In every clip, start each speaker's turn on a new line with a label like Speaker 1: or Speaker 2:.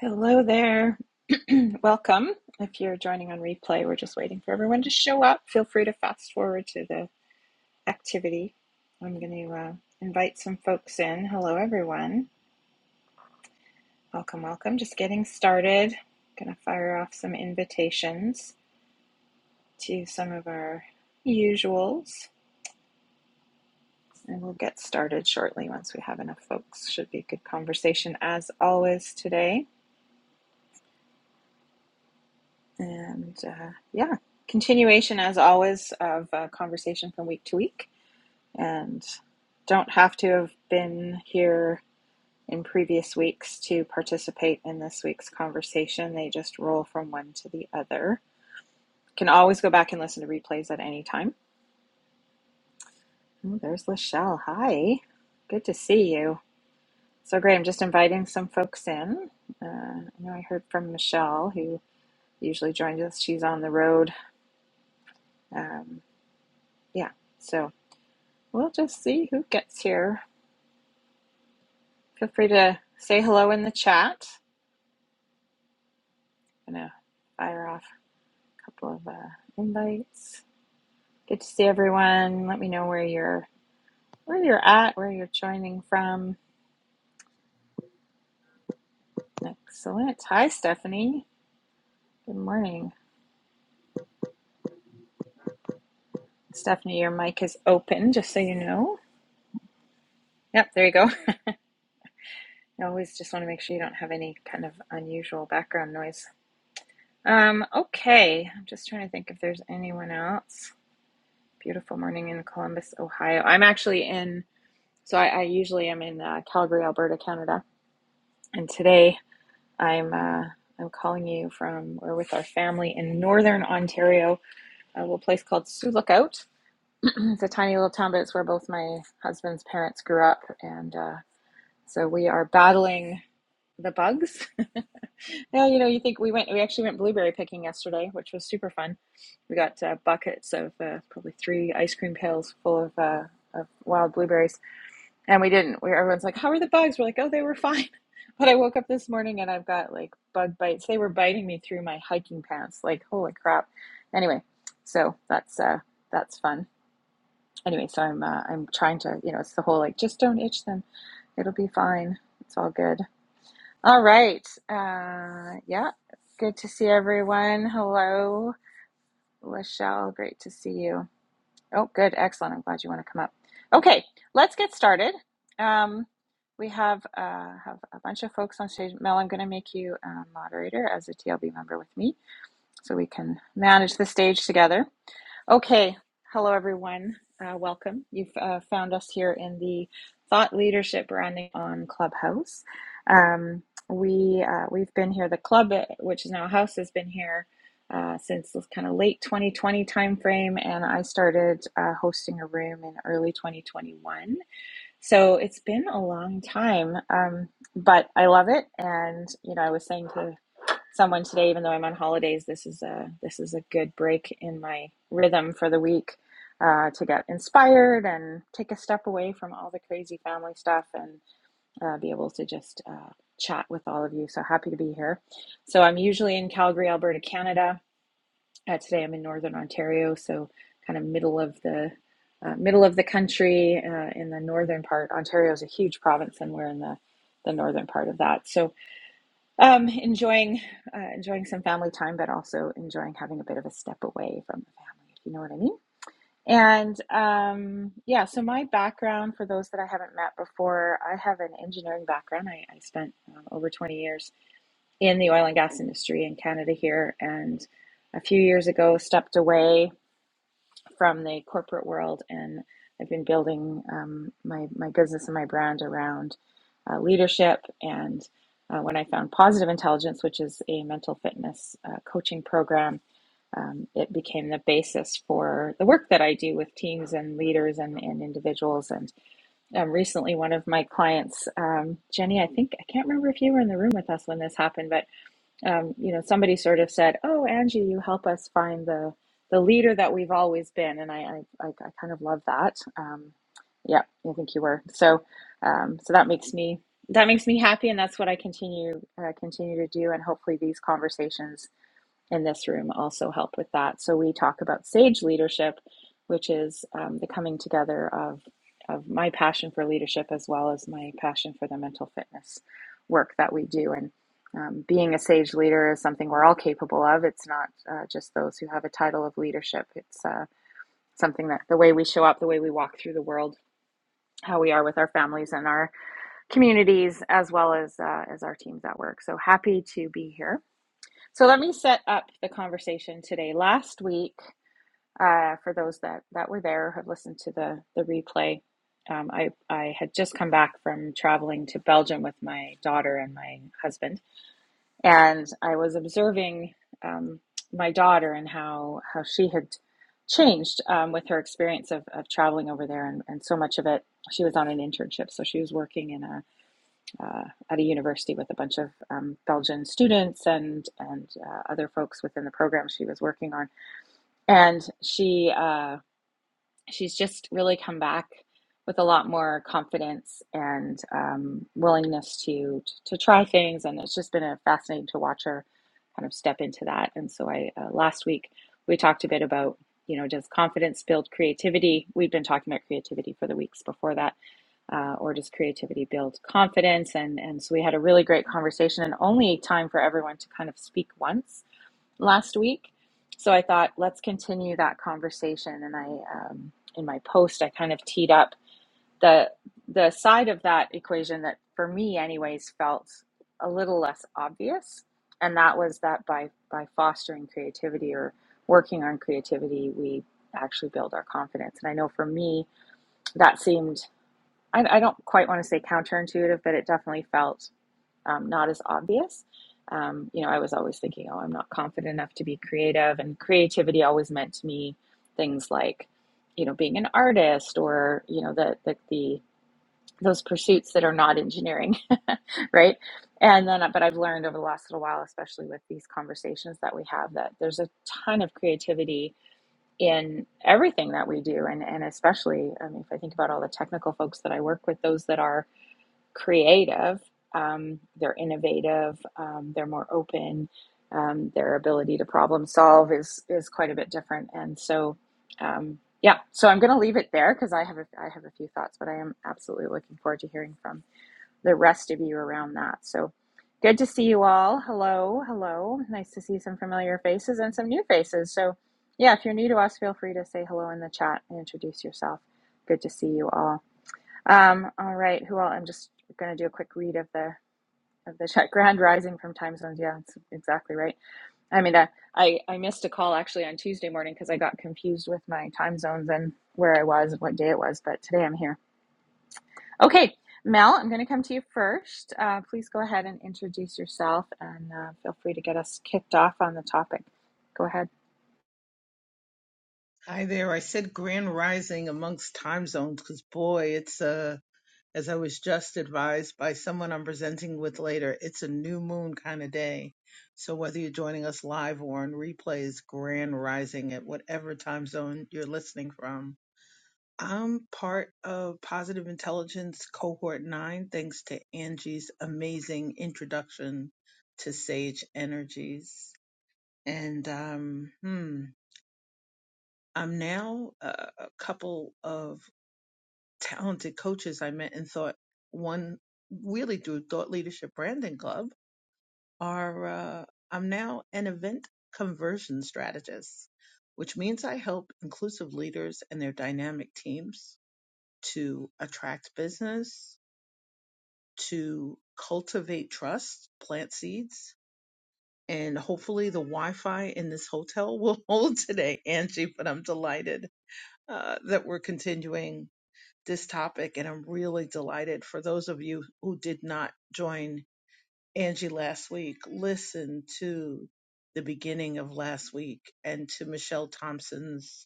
Speaker 1: Hello there. Welcome. If you're joining on replay, we're just waiting for everyone to show up. Feel free to fast forward to the activity. I'm going to uh, invite some folks in. Hello, everyone. Welcome, welcome. Just getting started. Going to fire off some invitations to some of our usuals, and we'll get started shortly once we have enough folks. Should be a good conversation as always today. And uh, yeah, continuation as always of uh, conversation from week to week. And don't have to have been here in previous weeks to participate in this week's conversation. They just roll from one to the other. Can always go back and listen to replays at any time. Oh, there's Lachelle. Hi. Good to see you. So great. I'm just inviting some folks in. Uh, I know I heard from Michelle, who usually joins us. She's on the road. Um, yeah. So We'll just see who gets here. Feel free to say hello in the chat. I'm gonna fire off a couple of uh, invites. Good to see everyone. Let me know where you're where you're at, where you're joining from. Excellent. Hi, Stephanie. Good morning, Stephanie. Your mic is open, just so you know. Yep, there you go. I always just want to make sure you don't have any kind of unusual background noise. Um, okay, I'm just trying to think if there's anyone else. Beautiful morning in Columbus, Ohio. I'm actually in, so I, I usually am in uh, Calgary, Alberta, Canada, and today I'm uh, I'm calling you from we're with our family in northern Ontario, a little place called Sioux Lookout. it's a tiny little town, but it's where both my husband's parents grew up, and uh, so we are battling the bugs. well, you know, you think we went, we actually went blueberry picking yesterday, which was super fun. We got uh, buckets of uh, probably three ice cream pails full of, uh, of wild blueberries. And we didn't, we, everyone's like, how are the bugs? We're like, oh, they were fine. But I woke up this morning and I've got like bug bites. They were biting me through my hiking pants. Like, holy crap. Anyway, so that's, uh, that's fun. Anyway, so I'm, uh, I'm trying to, you know, it's the whole like, just don't itch them. It'll be fine. It's all good. All right. Uh, yeah. Good to see everyone. Hello, Lachelle. Great to see you. Oh, good. Excellent. I'm glad you want to come up. Okay. Let's get started. Um, we have uh, have a bunch of folks on stage. Mel, I'm going to make you a moderator as a TLB member with me so we can manage the stage together. Okay, hello everyone. Uh, welcome. You've uh, found us here in the Thought Leadership Branding on Clubhouse. Um, we uh, we've been here. The club, uh, which is now a house, has been here uh, since this kind of late 2020 timeframe, and I started uh, hosting a room in early 2021. So it's been a long time, um, but I love it. And you know, I was saying to someone today, even though I'm on holidays. This is a this is a good break in my rhythm for the week uh, to get inspired and take a step away from all the crazy family stuff and uh, be able to just uh, chat with all of you. So happy to be here. So I'm usually in Calgary, Alberta, Canada. Uh, today I'm in Northern Ontario, so kind of middle of the uh, middle of the country uh, in the northern part. Ontario is a huge province, and we're in the the northern part of that. So um, enjoying uh, enjoying some family time, but also enjoying having a bit of a step away from the family, if you know what I mean. And um, yeah, so my background, for those that I haven't met before, I have an engineering background. I, I spent um, over 20 years in the oil and gas industry in Canada here, and a few years ago stepped away from the corporate world, and I've been building um, my my business and my brand around uh, leadership. And uh, when I found Positive Intelligence, which is a mental fitness uh, coaching program, um, it became the basis for the work that I do with teams and leaders and, and individuals. And um, recently, one of my clients, um, Jenny, I think I can't remember if you were in the room with us when this happened, but um, you know, somebody sort of said, "Oh, Angie, you help us find the the leader that we've always been," and I I, I I kind of love that. Um, yeah, I think you were. So um, so that makes me that makes me happy, and that's what I continue uh, continue to do, and hopefully these conversations in this room also help with that. So we talk about sage leadership, which is um, the coming together of of my passion for leadership as well as my passion for the mental fitness work that we do. And um, being a sage leader is something we're all capable of. It's not uh, just those who have a title of leadership. It's uh, something that the way we show up, the way we walk through the world, how we are with our families and our communities, as well as uh, as our teams at work. So happy to be here. So let me set up the conversation today. Last week, uh, for those that, that were there or have listened to the, the replay, um, I, I had just come back from traveling to Belgium with my daughter and my husband. And I was observing um, my daughter and how, how she had changed um, with her experience of, of traveling over there. And, and so much of it, she was on an internship. So she was working in a uh, at a university with a bunch of um, Belgian students and and uh, other folks within the program she was working on. And she uh, she's just really come back with a lot more confidence and um, willingness to to try things. And it's just been a fascinating to watch her kind of step into that. And so I uh, last week we talked a bit about you know does confidence build creativity? We've been talking about creativity for the weeks before that uh, or does creativity build confidence? And and so we had a really great conversation, and only time for everyone to kind of speak once last week. So I thought let's continue that conversation. And I um, in my post I kind of teed up the the side of that equation that for me anyways felt a little less obvious, and that was that by by fostering creativity or working on creativity, we actually build our confidence. And I know for me that seemed I, I don't quite want to say counterintuitive, but it definitely felt um, not as obvious. Um, you know, I was always thinking, oh, I'm not confident enough to be creative, and creativity always meant to me things like, you know, being an artist or you know the the, the those pursuits that are not engineering, right? And then, but I've learned over the last little while, especially with these conversations that we have, that there's a ton of creativity in everything that we do, and and especially, I mean, if I think about all the technical folks that I work with, those that are creative, um, they're innovative, um, they're more open, um, their ability to problem solve is is quite a bit different. And so, um, yeah, so I'm going to leave it there because I have a, I have a few thoughts, but I am absolutely looking forward to hearing from the rest of you around that. So. Good to see you all. Hello, hello. Nice to see some familiar faces and some new faces. So, yeah, if you're new to us, feel free to say hello in the chat and introduce yourself. Good to see you all. Um, all right, who all? I'm just going to do a quick read of the of the chat. Grand Rising from time zones. Yeah, that's exactly right. I mean, uh, I I missed a call actually on Tuesday morning because I got confused with my time zones and where I was and what day it was. But today I'm here. Okay, Mel, I'm going to come to you first. Uh, please go ahead and introduce yourself, and uh, feel free to get us kicked off on the topic. Go ahead.
Speaker 2: Hi there. I said grand rising amongst time zones because, boy, it's uh as I was just advised by someone I'm presenting with later, it's a new moon kind of day. So whether you're joining us live or on replays, grand rising at whatever time zone you're listening from. I'm part of Positive Intelligence Cohort 9 thanks to Angie's amazing introduction to Sage Energies. And um, hmm, I'm now uh, a couple of talented coaches I met and thought one really through Thought Leadership Branding Club are uh, I'm now an event conversion strategist, which means I help inclusive leaders and their dynamic teams to attract business, to cultivate trust, plant seeds, and hopefully the Wi-Fi in this hotel will hold today, Angie. But I'm delighted uh, that we're continuing this topic, and I'm really delighted for those of you who did not join Angie last week. Listen to the beginning of last week and to Michelle Thompson's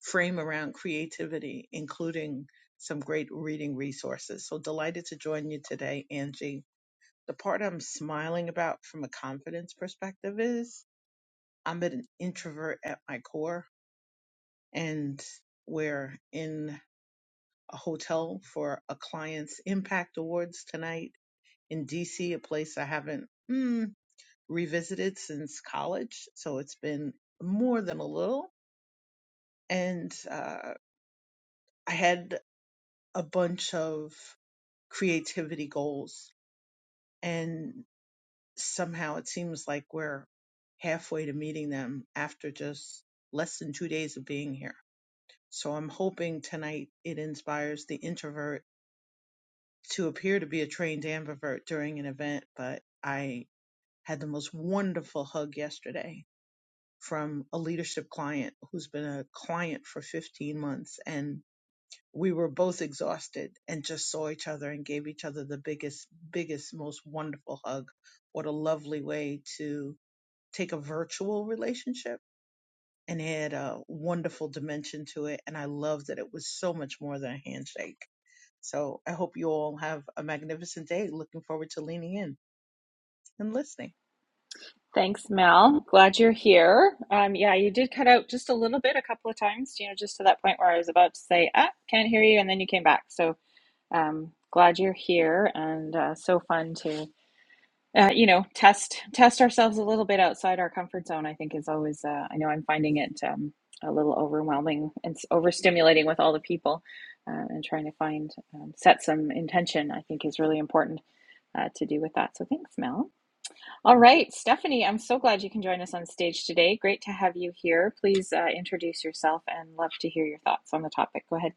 Speaker 2: frame around creativity, including some great reading resources. So delighted to join you today, Angie. The part I'm smiling about from a confidence perspective is I'm an introvert at my core, and we're in a hotel for a client's Impact Awards tonight in DC, a place I haven't mm, revisited since college. So it's been more than a little. And uh, I had a bunch of creativity goals, and somehow it seems like we're halfway to meeting them after just less than two days of being here. So I'm hoping tonight it inspires the introvert to appear to be a trained ambivert during an event, but I had the most wonderful hug yesterday from a leadership client who's been a client for 15 months. And we were both exhausted and just saw each other and gave each other the biggest, biggest, most wonderful hug. What a lovely way to take a virtual relationship and add a wonderful dimension to it. And I love that it was so much more than a handshake so I hope you all have a magnificent day. Looking forward to leaning in and listening.
Speaker 1: Thanks, Mel. Glad you're here. Um, yeah, you did cut out just a little bit a couple of times, you know, just to that point where I was about to say, ah, can't hear you, and then you came back. So um, glad you're here, and uh, so fun to, uh, you know, test test ourselves a little bit outside our comfort zone. I think is always. Uh, I know I'm finding it um, a little overwhelming and s- overstimulating with all the people, uh, and trying to find um, set some intention. I think is really important uh, to do with that. So thanks, Mel. All right, Stephanie, I'm so glad you can join us on stage today. Great to have you here. Please uh, introduce yourself and love to hear your thoughts on the topic. Go ahead.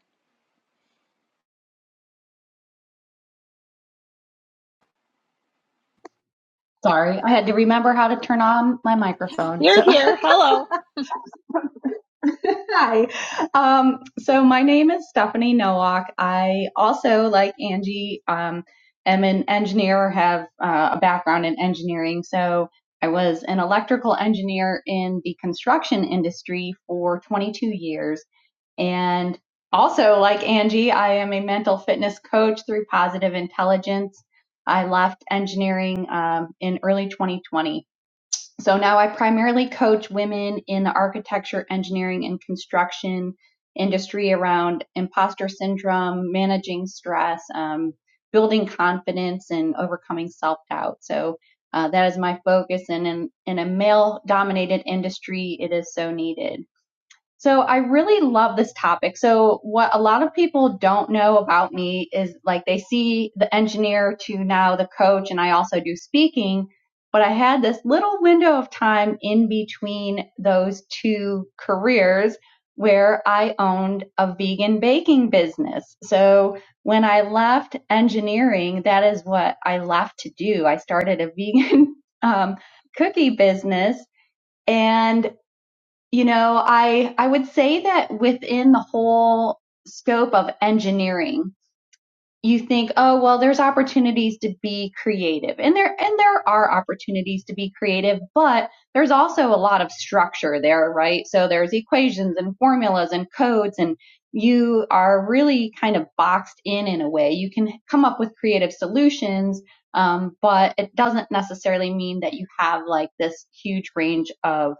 Speaker 3: Sorry, I had to remember how to turn on my microphone.
Speaker 1: You're
Speaker 3: So,
Speaker 1: here. Hello.
Speaker 3: hi. Um, so my name is Stephanie Nowak. I also, like Angie, um, am an engineer or have uh, a background in engineering. So I was an electrical engineer in the construction industry for 22 years, and also, like Angie, I am a mental fitness coach through Positive Intelligence. I left engineering um, in early 2020. So now I primarily coach women in the architecture, engineering, and construction industry around imposter syndrome, managing stress, um, building confidence, and overcoming self doubt. So uh, that is my focus. And in, in a male dominated industry, it is so needed. So I really love this topic. So what a lot of people don't know about me is like they see the engineer to now the coach and I also do speaking, but I had this little window of time in between those two careers where I owned a vegan baking business. So when I left engineering, that is what I left to do. I started a vegan um, cookie business and. You know, I I would say that within the whole scope of engineering, you think, oh well, there's opportunities to be creative, and there and there are opportunities to be creative, but there's also a lot of structure there, right? So there's equations and formulas and codes, and you are really kind of boxed in in a way. You can come up with creative solutions, um, but it doesn't necessarily mean that you have like this huge range of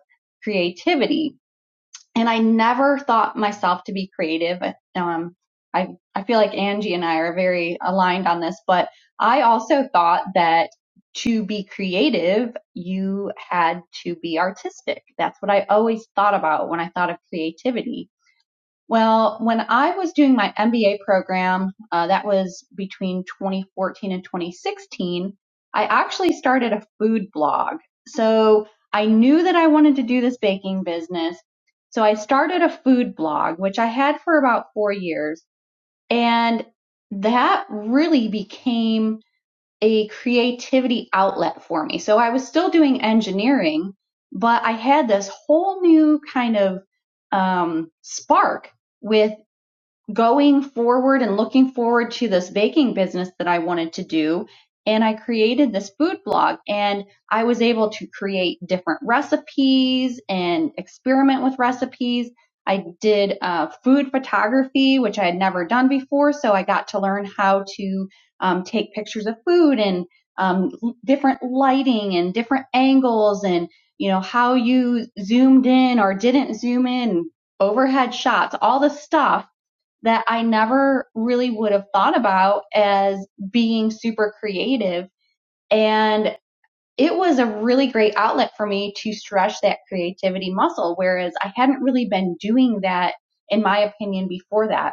Speaker 3: creativity and I never thought myself to be creative. Um, I I feel like Angie and I are very aligned on this, but I also thought that to be creative, you had to be artistic. That's what I always thought about when I thought of creativity. Well, when I was doing my MBA program, uh, that was between 2014 and 2016, I actually started a food blog. So I knew that I wanted to do this baking business. So I started a food blog, which I had for about four years. And that really became a creativity outlet for me. So I was still doing engineering, but I had this whole new kind of um, spark with going forward and looking forward to this baking business that I wanted to do. And I created this food blog and I was able to create different recipes and experiment with recipes. I did uh, food photography, which I had never done before. So I got to learn how to um, take pictures of food and um, different lighting and different angles and, you know, how you zoomed in or didn't zoom in, overhead shots, all the stuff that I never really would have thought about as being super creative. And it was a really great outlet for me to stretch that creativity muscle, whereas I hadn't really been doing that, in my opinion, before that.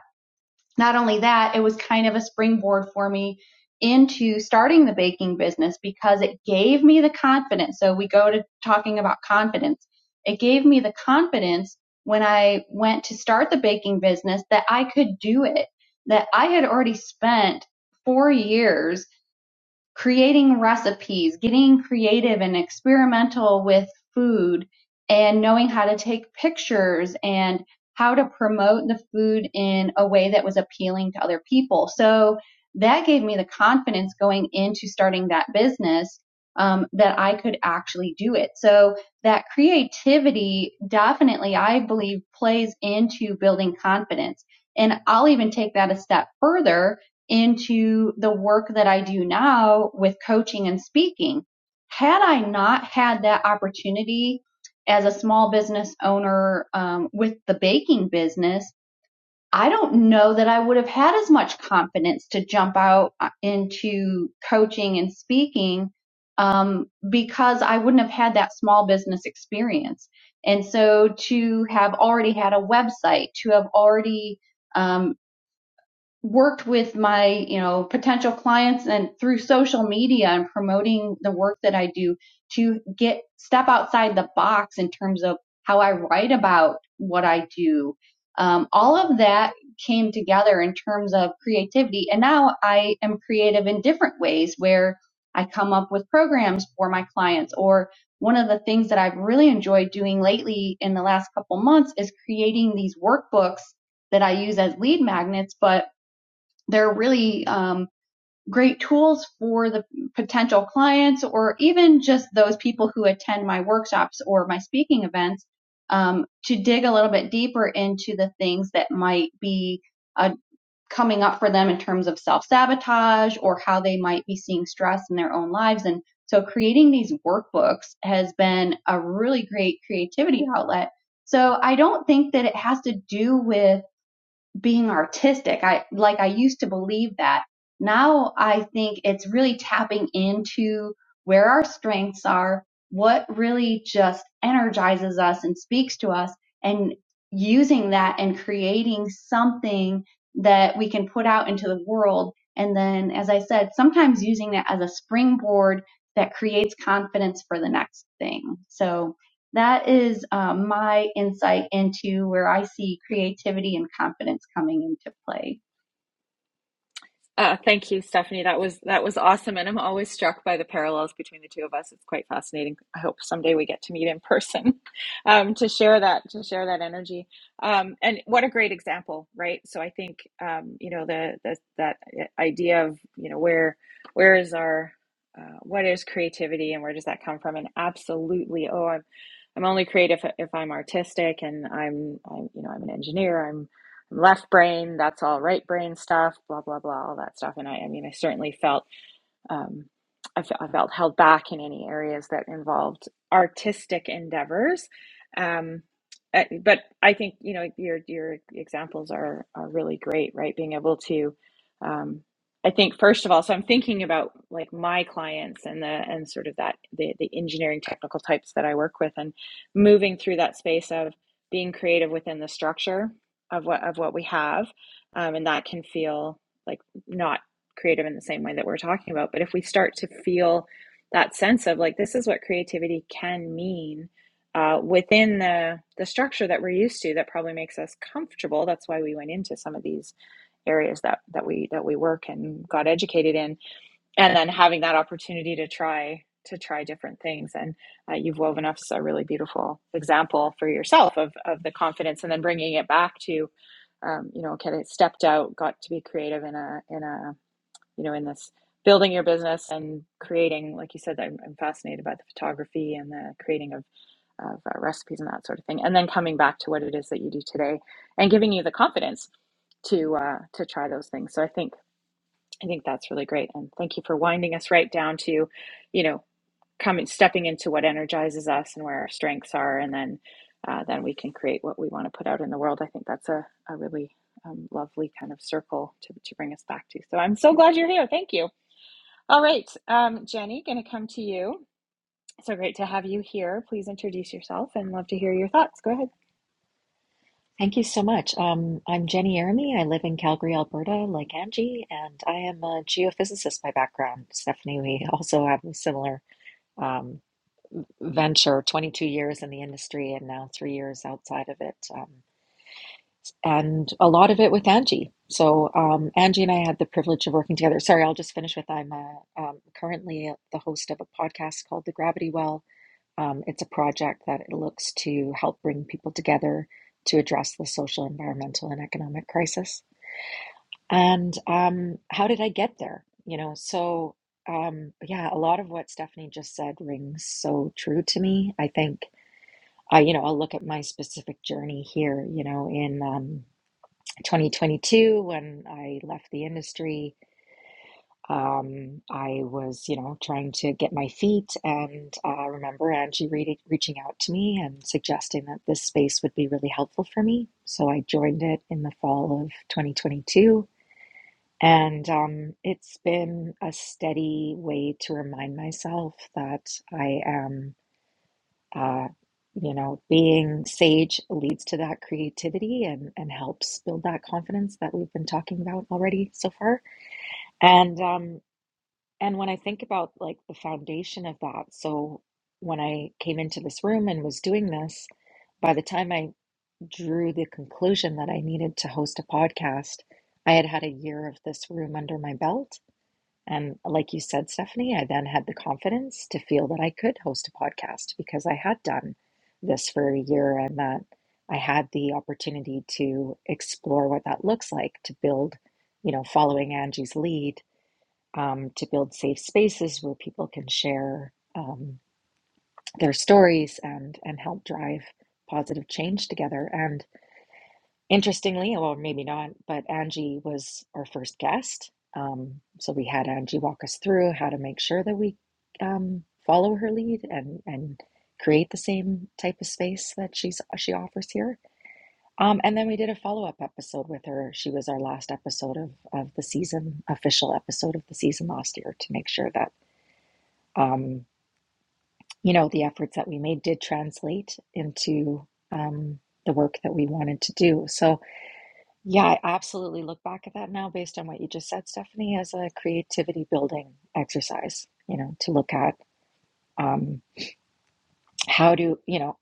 Speaker 3: Not only that, it was kind of a springboard for me into starting the baking business because it gave me the confidence. So we go to talking about confidence. It gave me the confidence when I went to start the baking business that I could do it, that I had already spent four years creating recipes, getting creative and experimental with food, and knowing how to take pictures and how to promote the food in a way that was appealing to other people. So that gave me the confidence going into starting that business um, that I could actually do it. So that creativity definitely, I believe, plays into building confidence. And I'll even take that a step further into the work that I do now with coaching and speaking. Had I not had that opportunity as a small business owner um, with the baking business, I don't know that I would have had as much confidence to jump out uh, into coaching and speaking um, because I wouldn't have had that small business experience. And so to have already had a website, to have already um, worked with my you know potential clients and through social media and promoting the work that I do to get step outside the box in terms of how I write about what I do. Um, all of that came together in terms of creativity, and now I am creative in different ways where I come up with programs for my clients. Or one of the things that I've really enjoyed doing lately in the last couple months is creating these workbooks that I use as lead magnets, but they're really um, great tools for the potential clients or even just those people who attend my workshops or my speaking events um, to dig a little bit deeper into the things that might be uh, coming up for them in terms of self sabotage or how they might be seeing stress in their own lives. And so creating these workbooks has been a really great creativity outlet. So I don't think that it has to do with being artistic. I like I used to believe that. Now I think it's really tapping into where our strengths are, what really just energizes us and speaks to us and using that and creating something that we can put out into the world and then as I said, sometimes using that as a springboard that creates confidence for the next thing. So that is um, my insight into where I see creativity and confidence coming into play.
Speaker 1: Uh, thank you, Stephanie. That was that was awesome, and I'm always struck by the parallels between the two of us. It's quite fascinating. I hope someday we get to meet in person um, to share that to share that energy. Um, and what a great example, right? So I think um, you know the, the that idea of you know where where is our uh, what is creativity and where does that come from? And absolutely, oh, I'm I'm only creative if, if I'm artistic, and I'm I'm you know I'm an engineer. I'm left brain, that's all right brain stuff, blah, blah, blah, all that stuff. And I, I mean, I certainly felt um, I, f- I felt held back in any areas that involved artistic endeavors. Um, uh, but I think you know your your examples are are really great, right? Being able to, um, I think first of all, so I'm thinking about like my clients and the and sort of that the the engineering technical types that I work with, and moving through that space of being creative within the structure of what of what we have, um, and that can feel like not creative in the same way that we're talking about. But if we start to feel that sense of like this is what creativity can mean uh, within the the structure that we're used to, that probably makes us comfortable. That's why we went into some of these areas that that we that we work and got educated in, and then having that opportunity to try to try different things. And uh, you've woven us a really beautiful example for yourself of of the confidence, and then bringing it back to um, you know, okay, I stepped out, got to be creative in a in a you know in this building your business and creating like you said i'm, I'm fascinated by the photography and the creating of, of uh, recipes and that sort of thing and then coming back to what it is that you do today and giving you the confidence to uh, to try those things so i think i think that's really great and thank you for winding us right down to you know coming stepping into what energizes us and where our strengths are and then uh, then we can create what we want to put out in the world i think that's a, a really um, lovely kind of circle to, to bring us back to so i'm so glad you're here thank you all right, um, Jenny, going to come to you. So great to have you here. Please introduce yourself and love to hear your thoughts. Go ahead.
Speaker 4: Thank you so much. Um, I'm Jenny Jeremy. I live in Calgary, Alberta, like Angie, and I am a geophysicist by background. Stephanie, we also have a similar um, venture 22 years in the industry and now three years outside of it, um, and a lot of it with Angie. So, um, Angie and I had the privilege of working together. Sorry, I'll just finish with I'm uh, um, currently the host of a podcast called The Gravity Well um, it's a project that looks to help bring people together to address the social, environmental, and economic crisis. And um, how did I get there? You know, so um, yeah, a lot of what Stephanie just said rings so true to me. I think, uh, you know, I'll look at my specific journey here, you know, in um, 2022 when I left the industry um, I was, you know, trying to get my feet, and uh, remember Angie re reaching out to me and suggesting that this space would be really helpful for me. So I joined it in the fall of 2022, and um, it's been a steady way to remind myself that I am, uh, you know, being sage leads to that creativity and and helps build that confidence that we've been talking about already so far. And um, and when I think about like the foundation of that, so when I came into this room and was doing this, by the time I drew the conclusion that I needed to host a podcast, I had had a year of this room under my belt. And like you said, Stephanie, I then had the confidence to feel that I could host a podcast because I had done this for a year and that I had the opportunity to explore what that looks like to build, you know, following Angie's lead um, to build safe spaces where people can share um, their stories and and help drive positive change together. And interestingly, well, maybe not, but Angie was our first guest. Um, so we had Angie walk us through how to make sure that we um, follow her lead and and create the same type of space that she's she offers here. Um, and then we did a follow up episode with her. She was our last episode of, of the season, official episode of the season last year, to make sure that um, you know, the efforts that we made did translate into um, the work that we wanted to do. So, yeah, I absolutely look back at that now based on what you just said, Stephanie, as a creativity building exercise, you know, to look at. um, How do you know?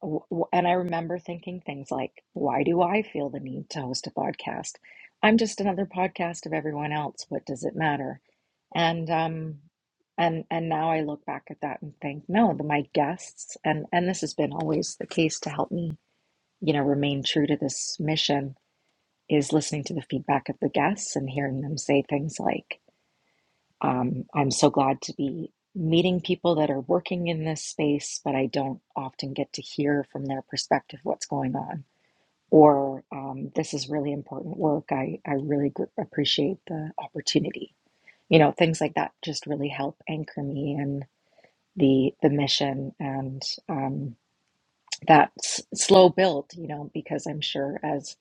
Speaker 4: w- w- And I remember thinking things like, why do I feel the need to host a podcast? I'm just another podcast of everyone else. What does it matter? And um, and and now I look back at that and think, no, the, my guests and and this has been always the case to help me, you know, remain true to this mission is listening to the feedback of the guests and hearing them say things like. Um, I'm so glad to be meeting people that are working in this space, but I don't often get to hear from their perspective what's going on. Or um, this is really important work. I, I really gr- appreciate the opportunity. You know, things like that just really help anchor me in the the mission and um, that s- slow build. You know, because I'm sure as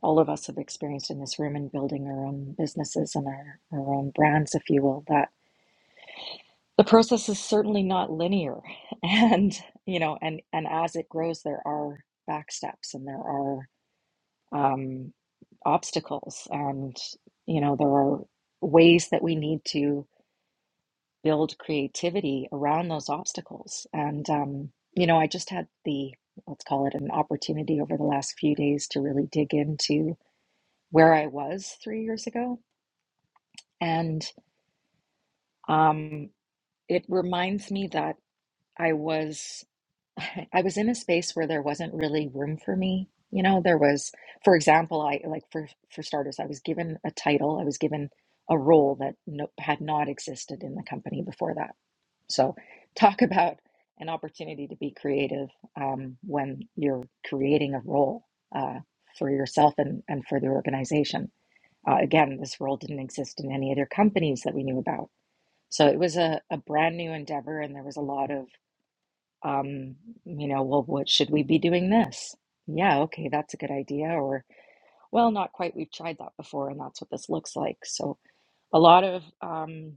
Speaker 4: all of us have experienced in this room and building our own businesses and our, our own brands, if you will, that the process is certainly not linear and you know and and as it grows there are back steps and there are um, obstacles and you know there are ways that we need to build creativity around those obstacles and um, you know i just had the let's call it an opportunity over the last few days to really dig into where i was three years ago and um, it reminds me that i was I was in a space where there wasn't really room for me. You know, there was, for example, I like for for starters, I was given a title, I was given a role that no, had not existed in the company before that. So, talk about an opportunity to be creative um, when you're creating a role uh, for yourself and and for the organization. Uh, again, this role didn't exist in any other companies that we knew about. So it was a, a brand new endeavor, and there was a lot of um, you know, well, what should we be doing this? Yeah, okay, that's a good idea. Or, well, not quite. We've tried that before, and that's what this looks like. So a lot of um,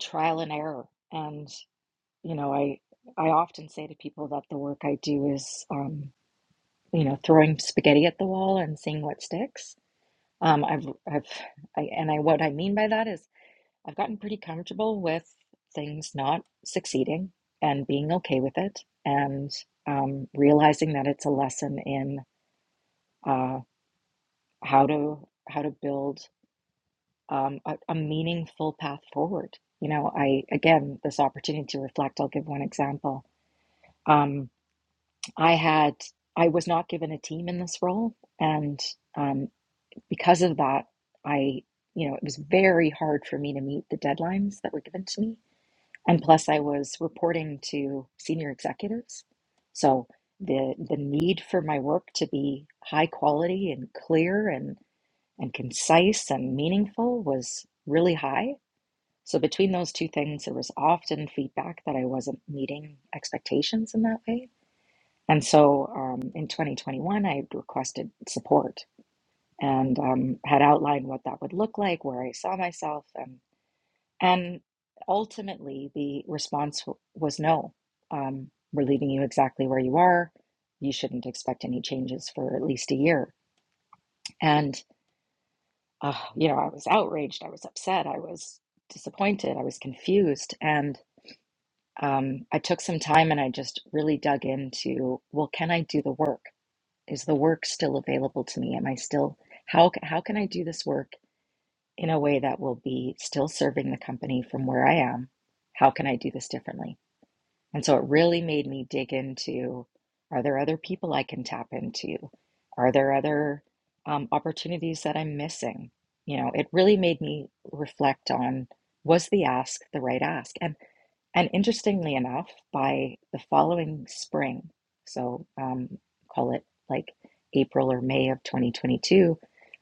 Speaker 4: trial and error. And, you know, I I often say to people that the work I do is, um, you know, throwing spaghetti at the wall and seeing what sticks. Um, I've I've I, and I what I mean by that is I've gotten pretty comfortable with things not succeeding and being okay with it and um, realizing that it's a lesson in uh, how to how to build um, a, a meaningful path forward. You know, I again this opportunity to reflect. I'll give one example. Um, I had I was not given a team in this role, and um, because of that, I you know it was very hard for me to meet the deadlines that were given to me And plus, I was reporting to senior executives. So the the need for my work to be high quality and clear and and concise and meaningful was really high. So between those two things, there was often feedback that I wasn't meeting expectations in that way. And so um, in 2021, I requested support and um, had outlined what that would look like, where I saw myself, and. And ultimately, the response w- was no. Um, we're leaving you exactly where you are. You shouldn't expect any changes for at least a year. And, uh, you know, I was outraged. I was upset. I was disappointed. I was confused. And um, I took some time and I just really dug into well, can I do the work? Is the work still available to me? Am I still, how, c- how can I do this work in a way that will be still serving the company from where I am? How can I do this differently? And so it really made me dig into are there other people I can tap into? Are there other um, opportunities that I'm missing? You know, it really made me reflect on was the ask the right ask? And and interestingly enough, by the following spring, so um, call it like April or May of 2022,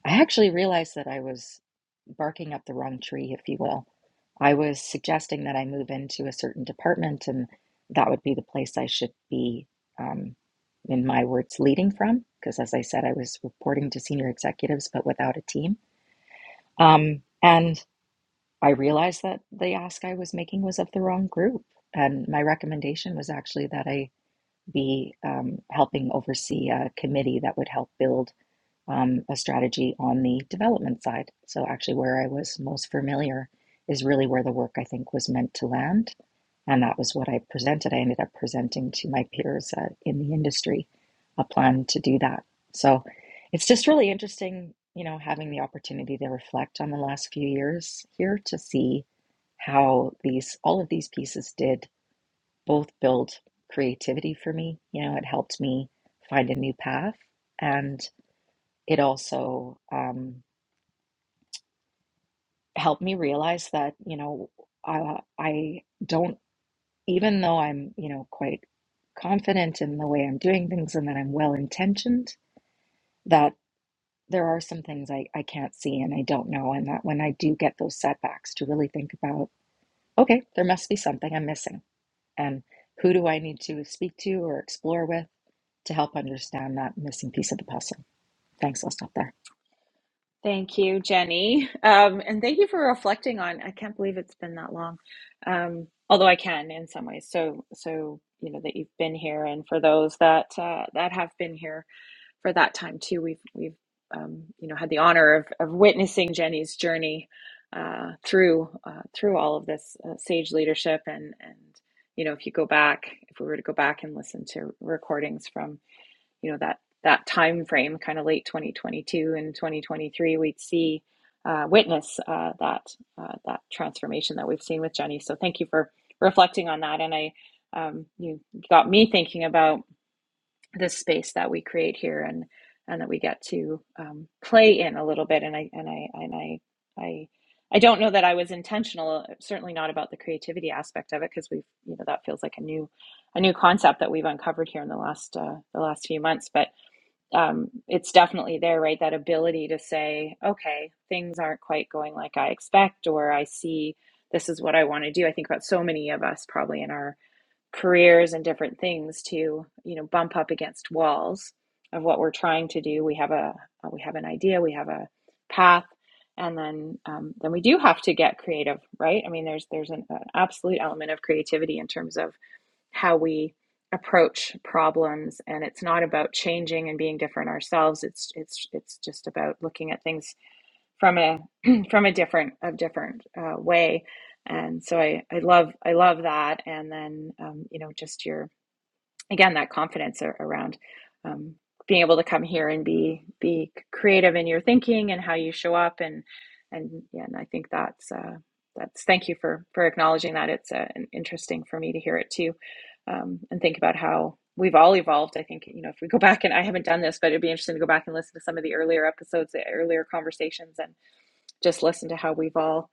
Speaker 4: I actually realized that I was barking up the wrong tree, if you will. I was suggesting that I move into a certain department and that would be the place I should be, um, in my words, leading from. Because as I said, I was reporting to senior executives, but without a team. Um, and I realized that the ask I was making was of the wrong group. And my recommendation was actually that I be um, helping oversee a committee that would help build um, a strategy on the development side. So, actually, where I was most familiar is really where the work I think was meant to land. And that was what I presented. I ended up presenting to my peers uh, in the industry a plan to do that. So it's just really interesting, you know, having the opportunity to reflect on the last few years here to see how these all of these pieces did both build creativity for me. You know, it helped me find a new path, and it also um, helped me realize that you know I, I don't even though I'm, you know, quite confident in the way I'm doing things and that I'm well intentioned, that there are some things I, I can't see and I don't know. And that when I do get those setbacks, to really think about, okay, there must be something I'm missing. And who do I need to speak to or explore with to help understand that missing piece of the puzzle? Thanks. I'll stop there.
Speaker 1: Thank you, Jenny. Um, and thank you for reflecting on. I can't believe it's been that long. Um, although I can in some ways. So, so you know that you've been here, and for those that uh, that have been here, for that time too. We've we've um, you know had the honor of, of witnessing Jenny's journey uh, through uh, through all of this uh, sage leadership and and you know if you go back if we were to go back and listen to recordings from you know that that time frame kind of late 2022 and 2023 we'd see uh, witness uh, that uh, that transformation that we've seen with Jenny so thank you for reflecting on that and I um, you got me thinking about this space that we create here and and that we get to um, play in a little bit and I and I and I I I don't know that I was intentional certainly not about the creativity aspect of it because we've you know that feels like a new a new concept that we've uncovered here in the last uh, the last few months but um, it's definitely there right that ability to say okay things aren't quite going like I expect or I see this is what I want to do I think about so many of us probably in our careers and different things to you know bump up against walls of what we're trying to do we have a uh, we have an idea we have a path and then um, then we do have to get creative right i mean there's there's an, an absolute element of creativity in terms of how we approach problems and it's not about changing and being different ourselves it's it's it's just about looking at things from a from a different of different uh, way and so I, I love i love that and then um, you know just your again that confidence a- around um, being able to come here and be be creative in your thinking and how you show up and and yeah, and i think that's uh, that's thank you for for acknowledging that it's uh, an- interesting for me to hear it too um, and think about how we've all evolved i think you know if we go back and i haven't done this but it'd be interesting to go back and listen to some of the earlier episodes the earlier conversations and just listen to how we've all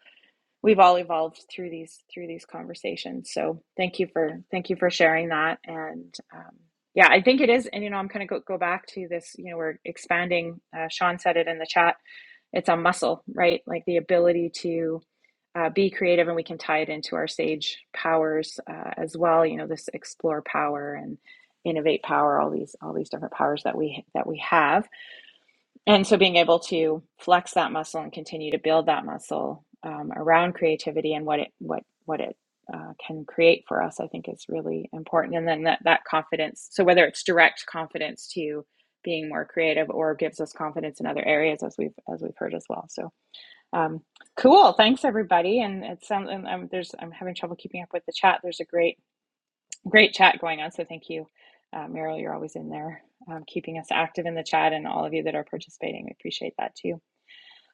Speaker 1: we've all evolved through these through these conversations. So thank you for thank you for sharing that. And um, yeah, I think it is. And you know, I'm kind of go, go back to this. You know, we're expanding. Uh, Sean said it in the chat. It's a muscle, right? Like the ability to uh, be creative, and we can tie it into our sage powers uh, as well. You know, this explore power and innovate power all these all these different powers that we that we have and so being able to flex that muscle and continue to build that muscle um, around creativity and what it what what it uh, can create for us, I think is really important. And then that that confidence. So whether it's direct confidence to being more creative or gives us confidence in other areas, as we've as we've heard as well. So um, cool. Thanks everybody. And it sounds um, there's I'm having trouble keeping up with the chat. There's a great Great chat going on, so thank you, uh, Meryl. You're always in there, um, keeping us active in the chat, and all of you that are participating. We appreciate that too.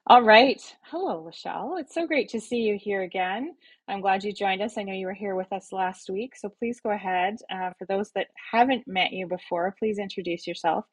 Speaker 1: All right, hello, Lachelle. It's so great to see you here again. I'm glad you joined us. I know you were here with us last week, so please go ahead. Uh, for those that haven't met you before, please introduce yourself,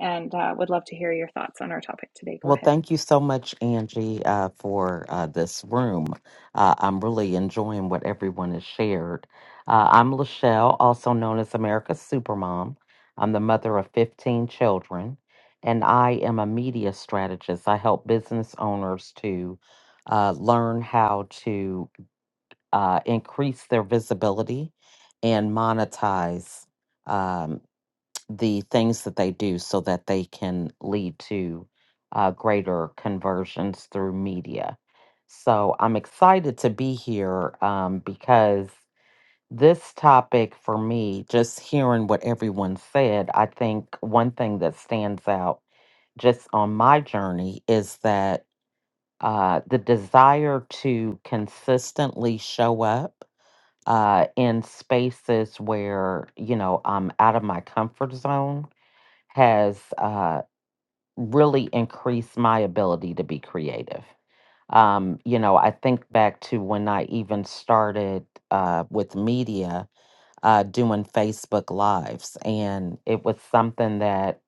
Speaker 1: and uh, would love to hear your thoughts on our topic today. Go
Speaker 5: Well,
Speaker 1: ahead.
Speaker 5: thank you so much, Angie, uh, for uh, this room. Uh, I'm really enjoying what everyone has shared. Uh, I'm Lachelle, also known as America's Supermom. I'm the mother of 15 children, and I am a media strategist. I help business owners to uh, learn how to uh, increase their visibility and monetize. um, the things that they do so that they can lead to uh, greater conversions through media. So I'm excited to be here um, because this topic for me, just hearing what everyone said, I think one thing that stands out just on my journey is that uh, the desire to consistently show up uh, in spaces where, you know, I'm out of my comfort zone has uh, really increased my ability to be creative. Um, you know, I think back to when I even started uh, with media uh, doing Facebook Lives, and it was something that,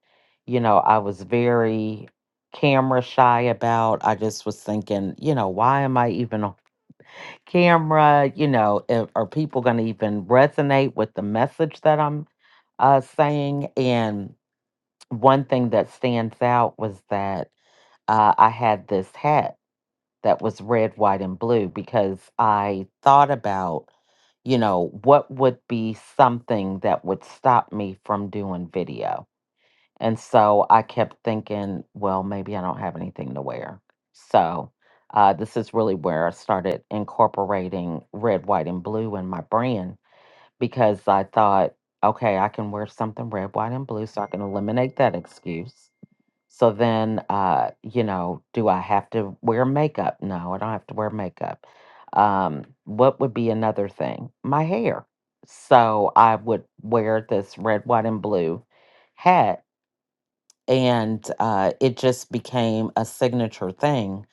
Speaker 5: you know, I was very camera shy about. I just was thinking, you know, why am I even on camera? You know, if, are people going to even resonate with the message that I'm uh, saying? And one thing that stands out was that uh, I had this hat that was red, white, and blue because I thought about, you know, what would be something that would stop me from doing video. And so I kept thinking, well, maybe I don't have anything to wear. So uh, this is really where I started incorporating red, white, and blue in my brand because I thought, okay, I can wear something red, white, and blue so I can eliminate that excuse so then, uh, you know, do I have to wear makeup? No, I don't have to wear makeup. Um, what would be another thing? My hair. So I would wear this red, white, and blue hat and uh, it just became a signature thing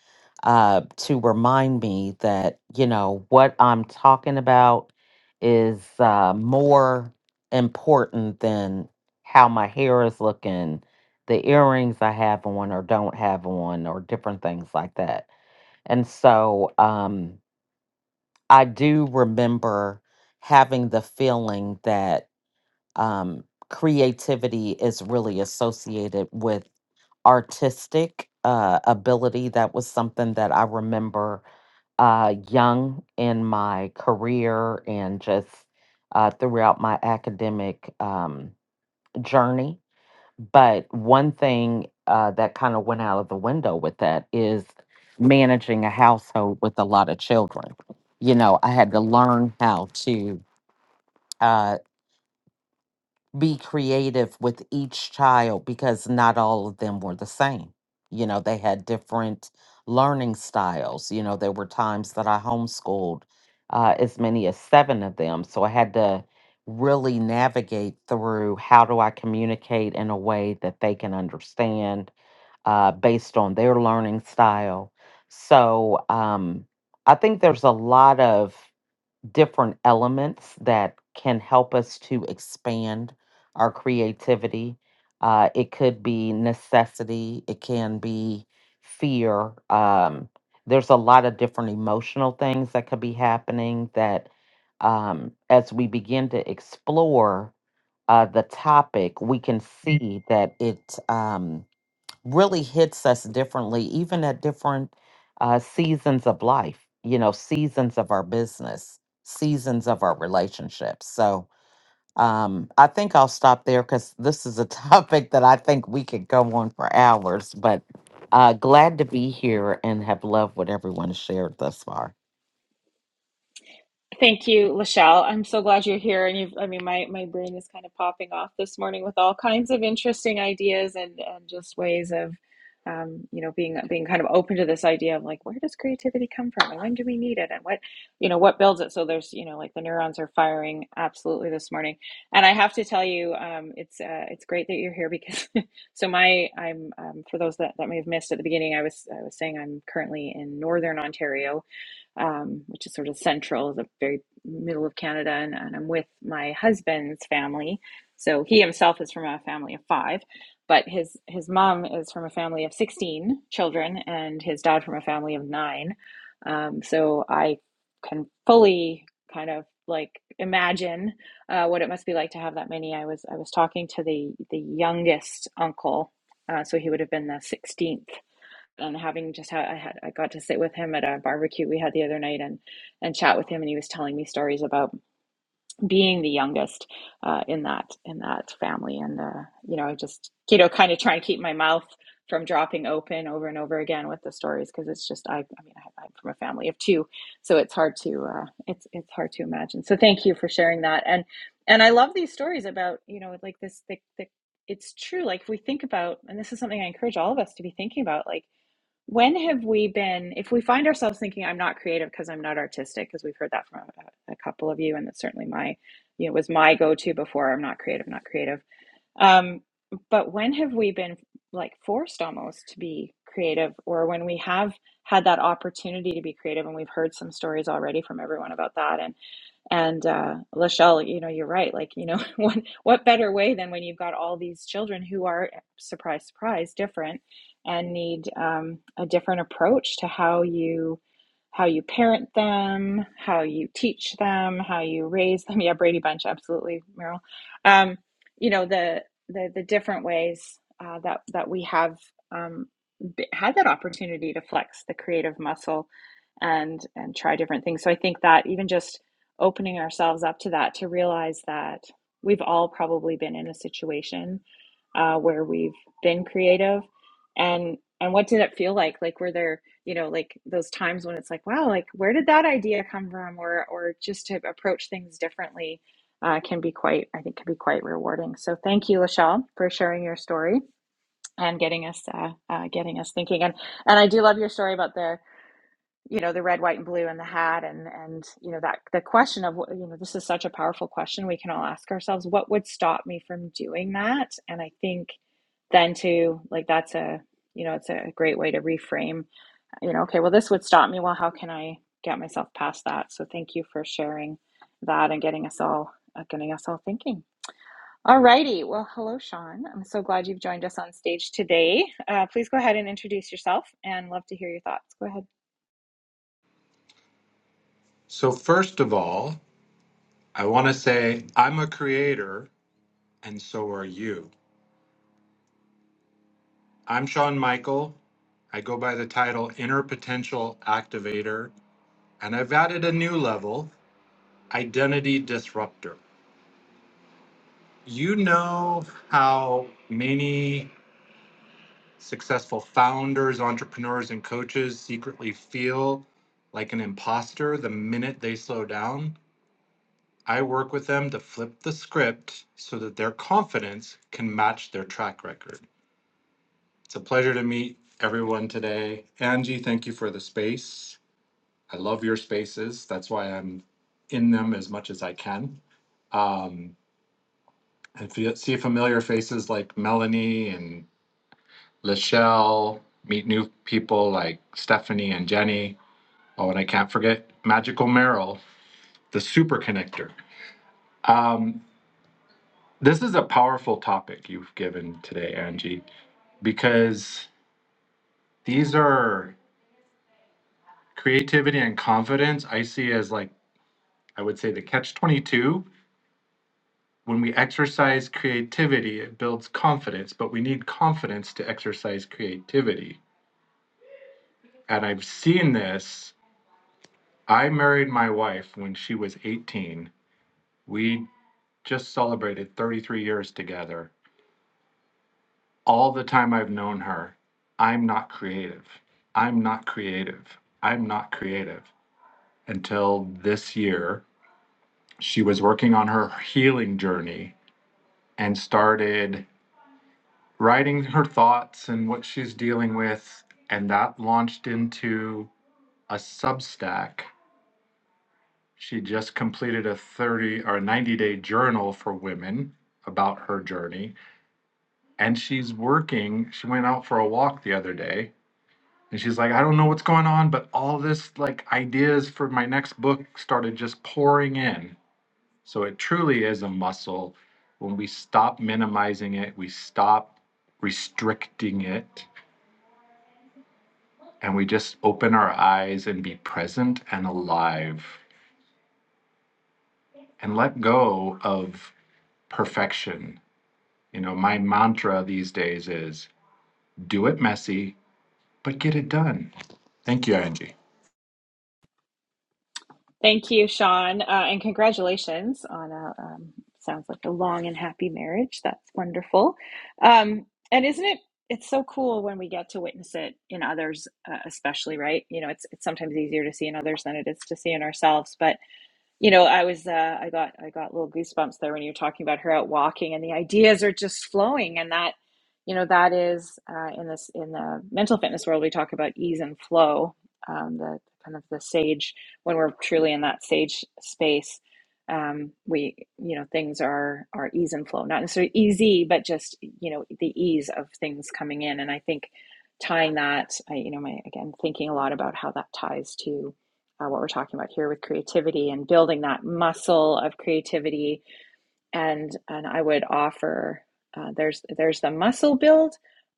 Speaker 5: uh, to remind me that you know what I'm talking about is uh, more important than how my hair is looking, the earrings I have on or don't have on, or different things like that. And so um, I do remember having the feeling that um, creativity is really associated with artistic uh, ability. That was something that I remember uh, young in my career and just uh, throughout my academic um, journey. But one thing uh, that kind of went out of the window with that is managing a household with a lot of children. You know, I had to learn how to. uh, be creative with each child because not all of them were the same. You know, they had different learning styles. You know, there were times that I homeschooled uh, as many as seven of them. So I had to really navigate through how do I communicate in a way that they can understand uh, based on their learning style. So um, I think there's a lot of different elements that can help us to expand our creativity. Uh, it could be necessity, it can be fear. Um, there's a lot of different emotional things that could be happening that, um, as we begin to explore uh, the topic, we can see that it. Um, really hits us differently, even at different uh, seasons of life, you know, seasons of our business, seasons of our relationships. So um, I think I'll stop there because this is a topic that I think we could go on for hours, but uh, glad to be here and have loved what everyone has shared thus far.
Speaker 1: Thank you, Lachelle. I'm so glad you're here. And you've, I mean, my, my brain is kind of popping off this morning with all kinds of interesting ideas and, and just ways of, um, you know, being, being kind of open to this idea of like, where does creativity come from and when do we need it and what, you know, what builds it? So there's, you know, like the neurons are firing absolutely this morning. And I have to tell you, um, it's, uh, it's great that you're here because, so my, I'm, um, for those that, that may have missed at the beginning, I was, I was saying I'm currently in Northern Ontario um, which is sort of central, the very middle of Canada, and, and I'm with my husband's family. So he himself is from a family of five, but his his mom is from a family of sixteen children, and his dad from a family of nine. Um, so I can fully kind of like imagine uh, what it must be like to have that many. I was I was talking to the the youngest uncle, uh, so he would have been the 16th and having just had I had I got to sit with him at a barbecue we had the other night and and chat with him and he was telling me stories about being the youngest uh, in that in that family and uh, you know I just you know kind of trying to keep my mouth from dropping open over and over again with the stories because it's just I I mean I, I'm from a family of two so it's hard to uh, it's it's hard to imagine so thank you for sharing that and and I love these stories about you know like this the, the it's true like if we think about and this is something I encourage all of us to be thinking about like when have we been, if we find ourselves thinking, I'm not creative because I'm not artistic, because we've heard that from a, a couple of you, and that's certainly my, you know, was my go to before, I'm not creative, not creative. Um, but when have we been like forced almost to be creative, or when we have had that opportunity to be creative? And we've heard some stories already from everyone about that. And. And uh, Lachelle, you know, you're right. Like, you know, what what better way than when you've got all these children who are surprise, surprise, different, and need um, a different approach to how you how you parent them, how you teach them, how you raise them. Yeah, Brady Bunch, absolutely, Meryl. Um, you know, the the the different ways uh, that that we have um, b- had that opportunity to flex the creative muscle and and try different things. So I think that even just opening ourselves up to that to realize that we've all probably been in a situation uh, where we've been creative and and what did it feel like like were there you know like those times when it's like wow like where did that idea come from or or just to approach things differently uh, can be quite i think can be quite rewarding so thank you lachelle for sharing your story and getting us uh, uh, getting us thinking and and i do love your story about the you know the red white and blue and the hat and and you know that the question of you know this is such a powerful question we can all ask ourselves what would stop me from doing that and i think then too like that's a you know it's a great way to reframe you know okay well this would stop me well how can i get myself past that so thank you for sharing that and getting us all uh, getting us all thinking all righty well hello sean i'm so glad you've joined us on stage today uh, please go ahead and introduce yourself and love to hear your thoughts go ahead
Speaker 6: So, first of all, I want to say I'm a creator, and so are you. I'm Sean Michael. I go by the title Inner Potential Activator, and I've added a new level Identity Disruptor. You know how many successful founders, entrepreneurs, and coaches secretly feel like an imposter the minute they slow down? I work with them to flip the script so that their confidence can match their track record. It's a pleasure to meet everyone today. Angie, thank you for the space. I love your spaces. That's why I'm in them as much as I can. Um, and see familiar faces like Melanie and Lachelle, meet new people like Stephanie and Jenny. Oh, and I can't forget Magical Merrill, the super connector. Um, This is a powerful topic you've given today, Angie, because these are creativity and confidence. I see as like, I would say the catch 22. When we exercise creativity, it builds confidence, but we need confidence to exercise creativity. And I've seen this. I married my wife when she was 18. We just celebrated 33 years together. all the time I've known her, I'm not creative. I'm not creative. I'm not creative. Until this year, she was working on her healing journey and started writing her thoughts and what she's dealing with. And that launched into a Substack. She just completed a 30 or 90 day journal for women about her journey. And she's working. She went out for a walk the other day And she's like, I don't know what's going on, but all this like ideas for my next book started just pouring in. So it truly is a muscle. When we stop minimizing it, we stop restricting it, and we just open our eyes and be present and alive and let go of perfection. You know, my mantra these days is do it messy, but get it done. Thank you, Angie.
Speaker 1: Thank you, Sean, uh, and congratulations on a um, sounds like a long and happy marriage. That's wonderful. Um, and isn't it? It's so cool when we get to witness it in others, uh, especially, right? You know, it's it's sometimes easier to see in others than it is to see in ourselves, but you know i was uh, i got i got little goosebumps there when you were talking about her out walking and the ideas are just flowing and that you know that is uh, in this in the mental fitness world we talk about ease and flow um, the kind of the sage when we're truly in that sage space um, we you know things are are ease and flow not necessarily easy but just you know the ease of things coming in and i think tying that i you know my again thinking a lot about how that ties to uh, what we're talking about here with creativity and building that muscle of creativity and and I would offer uh, there's there's the muscle build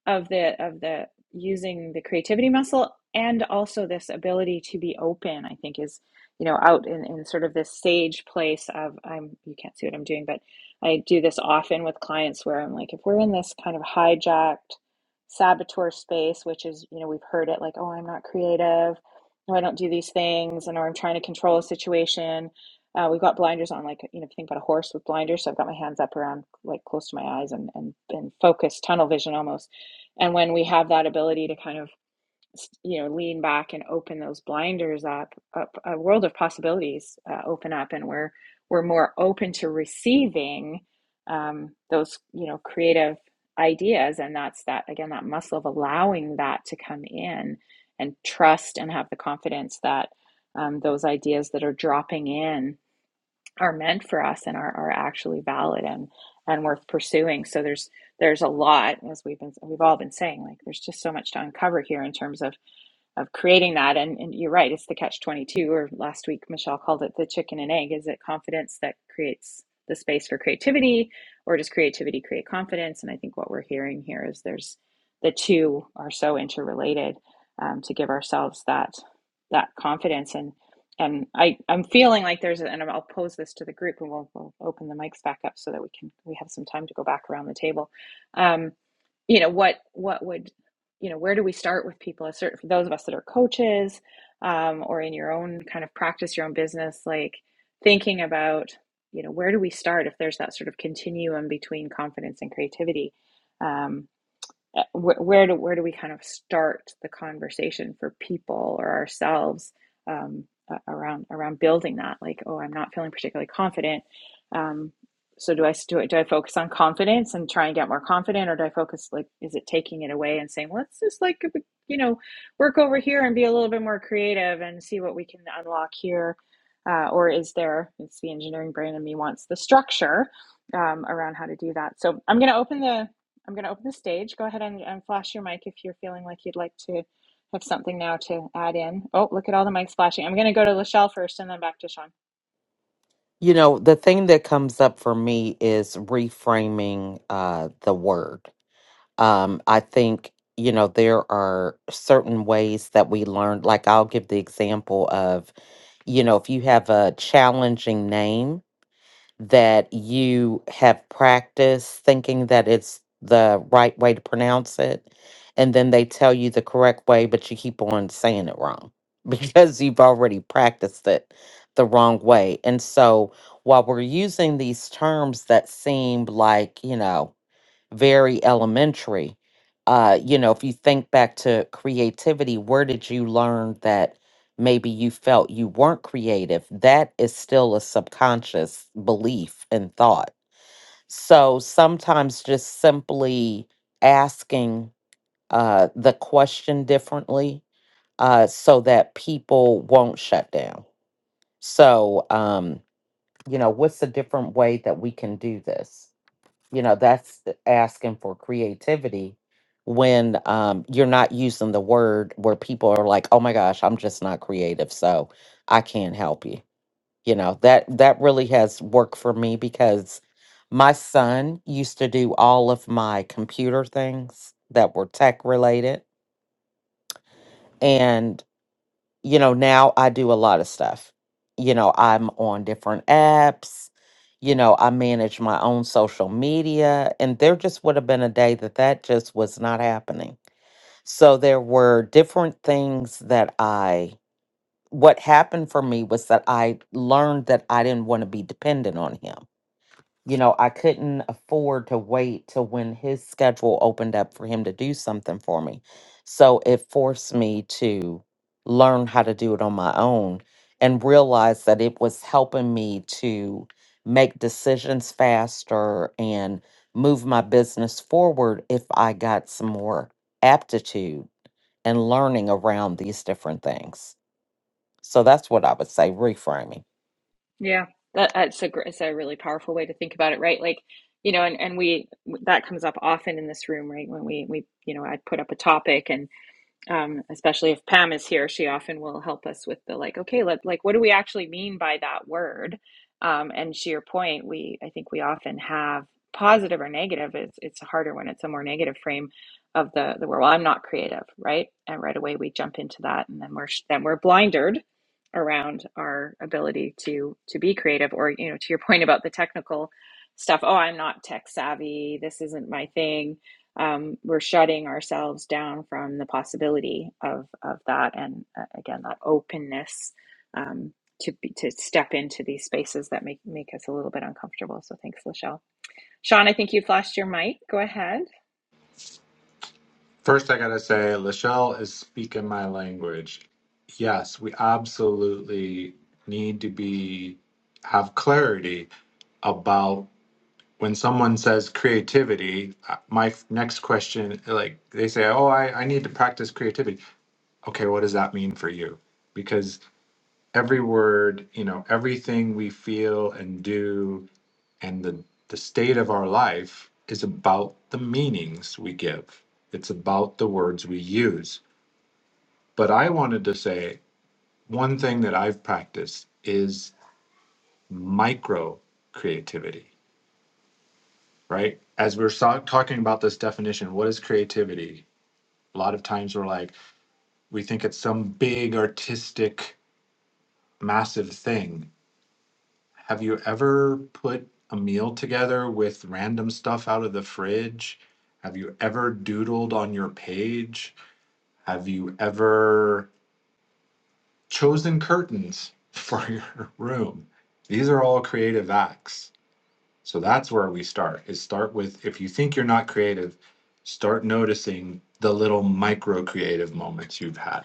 Speaker 1: of the of the using the creativity muscle and also this ability to be open I think is you know out in, in sort of this sage place of I'm you can't see what I'm doing but I do this often with clients where I'm like if we're in this kind of hijacked saboteur space which is you know we've heard it like oh I'm not creative no I don't do these things and or I'm trying to control a situation uh, we've got blinders on, like you know, if you think about a horse with blinders. So I've got my hands up around, like close to my eyes, and and and focus, tunnel vision almost. And when we have that ability to kind of, you know, lean back and open those blinders up, up a world of possibilities uh, open up, and we're we're more open to receiving um, those, you know, creative ideas. And that's that again, that muscle of allowing that to come in and trust and have the confidence that um, those ideas that are dropping in are meant for us and are, are actually valid and and worth pursuing so there's there's a lot as we've been we've all been saying like there's just so much to uncover here in terms of of creating that. And, and you're right, it's the catch 22, or last week Michelle called it the chicken and egg. Is it confidence that creates the space for creativity, or does creativity create confidence? And I think what we're hearing here is there's the two are so interrelated um, to give ourselves that that confidence and and I, I'm feeling like there's a, and I'll pose this to the group and we'll, we'll open the mics back up so that we can we have some time to go back around the table. Um, you know what what would you know where do we start with people as certain for those of us that are coaches um, or in your own kind of practice your own business like thinking about you know where do we start if there's that sort of continuum between confidence and creativity Um, uh, wh- where do where do we kind of start the conversation for people or ourselves um, around around building that like oh I'm not feeling particularly confident um, so do I do I, do I focus on confidence and try and get more confident or do I focus like is it taking it away and saying let's just like uh, you know work over here and be a little bit more creative and see what we can unlock here uh, or is there it's the engineering brain in me wants the structure um, around how to do that so I'm going to open the I'm going to open the stage. Go ahead and, and flash your mic if you're feeling like you'd like to have something now to add in. Oh, look at all the mics flashing. I'm going to go to Lachelle first and then back to Sean.
Speaker 5: You know, the thing that comes up for me is reframing uh, the word um, I think, you know, there are certain ways that we learn. Like, I'll give the example of, you know, if you have a challenging name that you have practiced thinking that it's the right way to pronounce it, and then they tell you the correct way, but you keep on saying it wrong because you've already practiced it the wrong way. And so, while we're using these terms that seem like, you know, very elementary. Uh, you know, if you think back to creativity, where did you learn that maybe you felt you weren't creative? That is still a subconscious belief and thought. So sometimes just simply asking uh, the question differently uh, so that people won't shut down. So, um, you know, what's a different way that we can do this? you know that's the- asking for creativity when um you're not using the word where people are like oh my gosh i'm just not creative so i can't help you you know that that really has worked for me because my son used to do all of my computer things that were tech related you know, now I do a lot of stuff. You know, I'm on different apps. You know, I manage my own social media. And there just would have been a day that that just was not happening. So there were different things that I, what happened for me was that I learned that I didn't want to be dependent on him you know, I couldn't afford to wait till when his schedule opened up for him to do something for me. So it forced me to learn how to do it on my own and realize that it was helping me to make decisions faster and move my business forward if I got some more aptitude and learning around these different things. So that's what I would say reframing.
Speaker 1: Yeah, that, that's a gr- it's a really powerful way to think about it, right? Like, you know, and and we that comes up often in this room, right? When we we you know I put up a topic and. um, especially if Pam is here, she often will help us with the like, okay, let like, what do we actually mean by that word? Um, and to your point, we I think we often have positive or negative. It's it's harder when it's a more negative frame of the the word. Well, I'm not creative, right? And right away we jump into that, and then we're then we're blinded around our ability to to be creative. Or you know, to your point about the technical stuff. Oh, I'm not tech savvy. This isn't my thing um, we're shutting ourselves down from the possibility of of that, and uh, again, that openness um, to be, to step into these spaces that make make us a little bit uncomfortable. So, thanks, Lachelle. Sean, I think you flashed your mic. Go ahead.
Speaker 6: First, I gotta say, Lachelle is speaking my language. Yes, we absolutely need to be have clarity about when someone says creativity. uh, My f- next question, like they say, "Oh, I, I need to practice creativity." Okay, what does that mean for you? Because every word, you know, everything we feel and do, and the the state of our life is about the meanings we give. It's about the words we use but I wanted to say one thing that I've practiced is micro creativity, right? As we're so- talking about this definition, what is creativity? A lot of times we're like, we think it's some big artistic, massive thing. Have you ever put a meal together with random stuff out of the fridge? Have you ever doodled on your page? Have you ever chosen curtains for your room. These are all creative acts. So that's where we start. Is start with if you think you're not creative, start noticing the little micro creative moments you've had.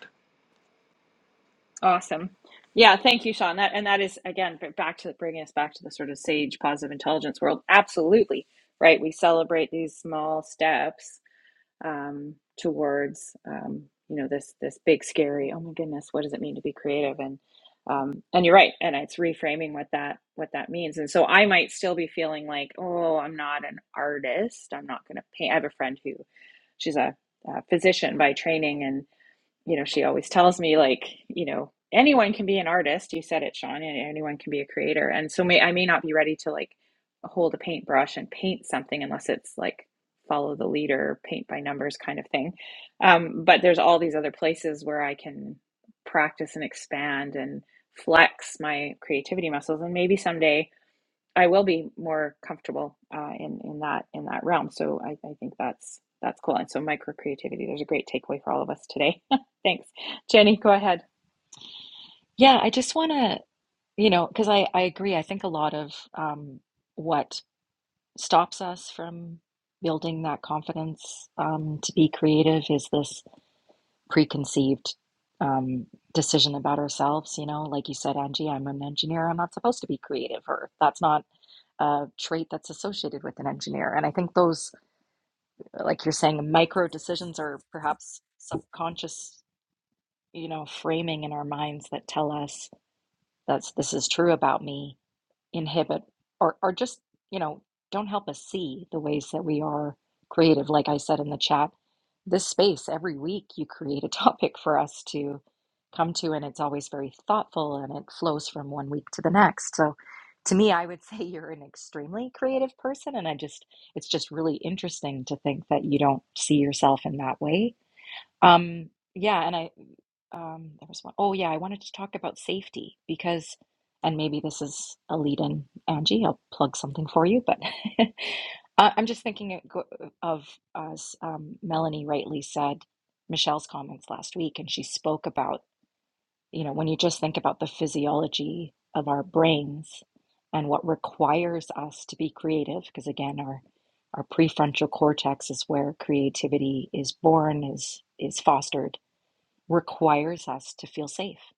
Speaker 1: Awesome. Yeah, thank you, Sean. That and that is again b- back to bringing us back to the sort of sage positive intelligence world. Absolutely right. We celebrate these small steps um, towards um, you know this this big scary oh my goodness what does it mean to be creative and um, and you're right and it's reframing what that what that means and so I might still be feeling like oh I'm not an artist I'm not going to paint I have a friend who she's a, a physician by training and you know, she always tells me like, you know, anyone can be an artist. You said it, Sean. and Anyone can be a creator. And so may I may not be ready to like hold a paintbrush and paint something unless it's like follow the leader, paint by numbers kind of thing. Um, but there's all these other places where I can practice and expand and flex my creativity muscles. And maybe someday I will be more comfortable uh, in in that in that realm. So I, I think that's that's cool. And so micro creativity, there's a great takeaway for all of us today. thanks, Jenny. Go ahead.
Speaker 4: Yeah, I just want to, you know, because I, I agree. I think a lot of um, what stops us from building that confidence um, to be creative is this preconceived um, decision about ourselves. You know, like you said, Angie, I'm an engineer. I'm not supposed to be creative, or that's not a trait that's associated with an engineer. And I think those, like you're saying, micro decisions are perhaps subconscious, you know, framing in our minds that tell us that this is true about me inhibit or or just you know don't help us see the ways that we are creative like i said in the chat this space every week you create a topic for us to come to and it's always very thoughtful and it flows from one week to the next so to me i would say you're an extremely creative person and i just it's just really interesting to think that you don't see yourself in that way um, yeah, and I um there was one. Oh, yeah, I wanted to talk about safety because and maybe this is a lead in, Angie. I'll plug something for you, but I- I'm just thinking it go- of as um, Melanie rightly said Michelle's comments last week, and she spoke about you know, when you just think about the physiology of our brains and what requires us to be creative, because again, our our prefrontal cortex is where creativity is born, is is fostered, requires us to feel safe.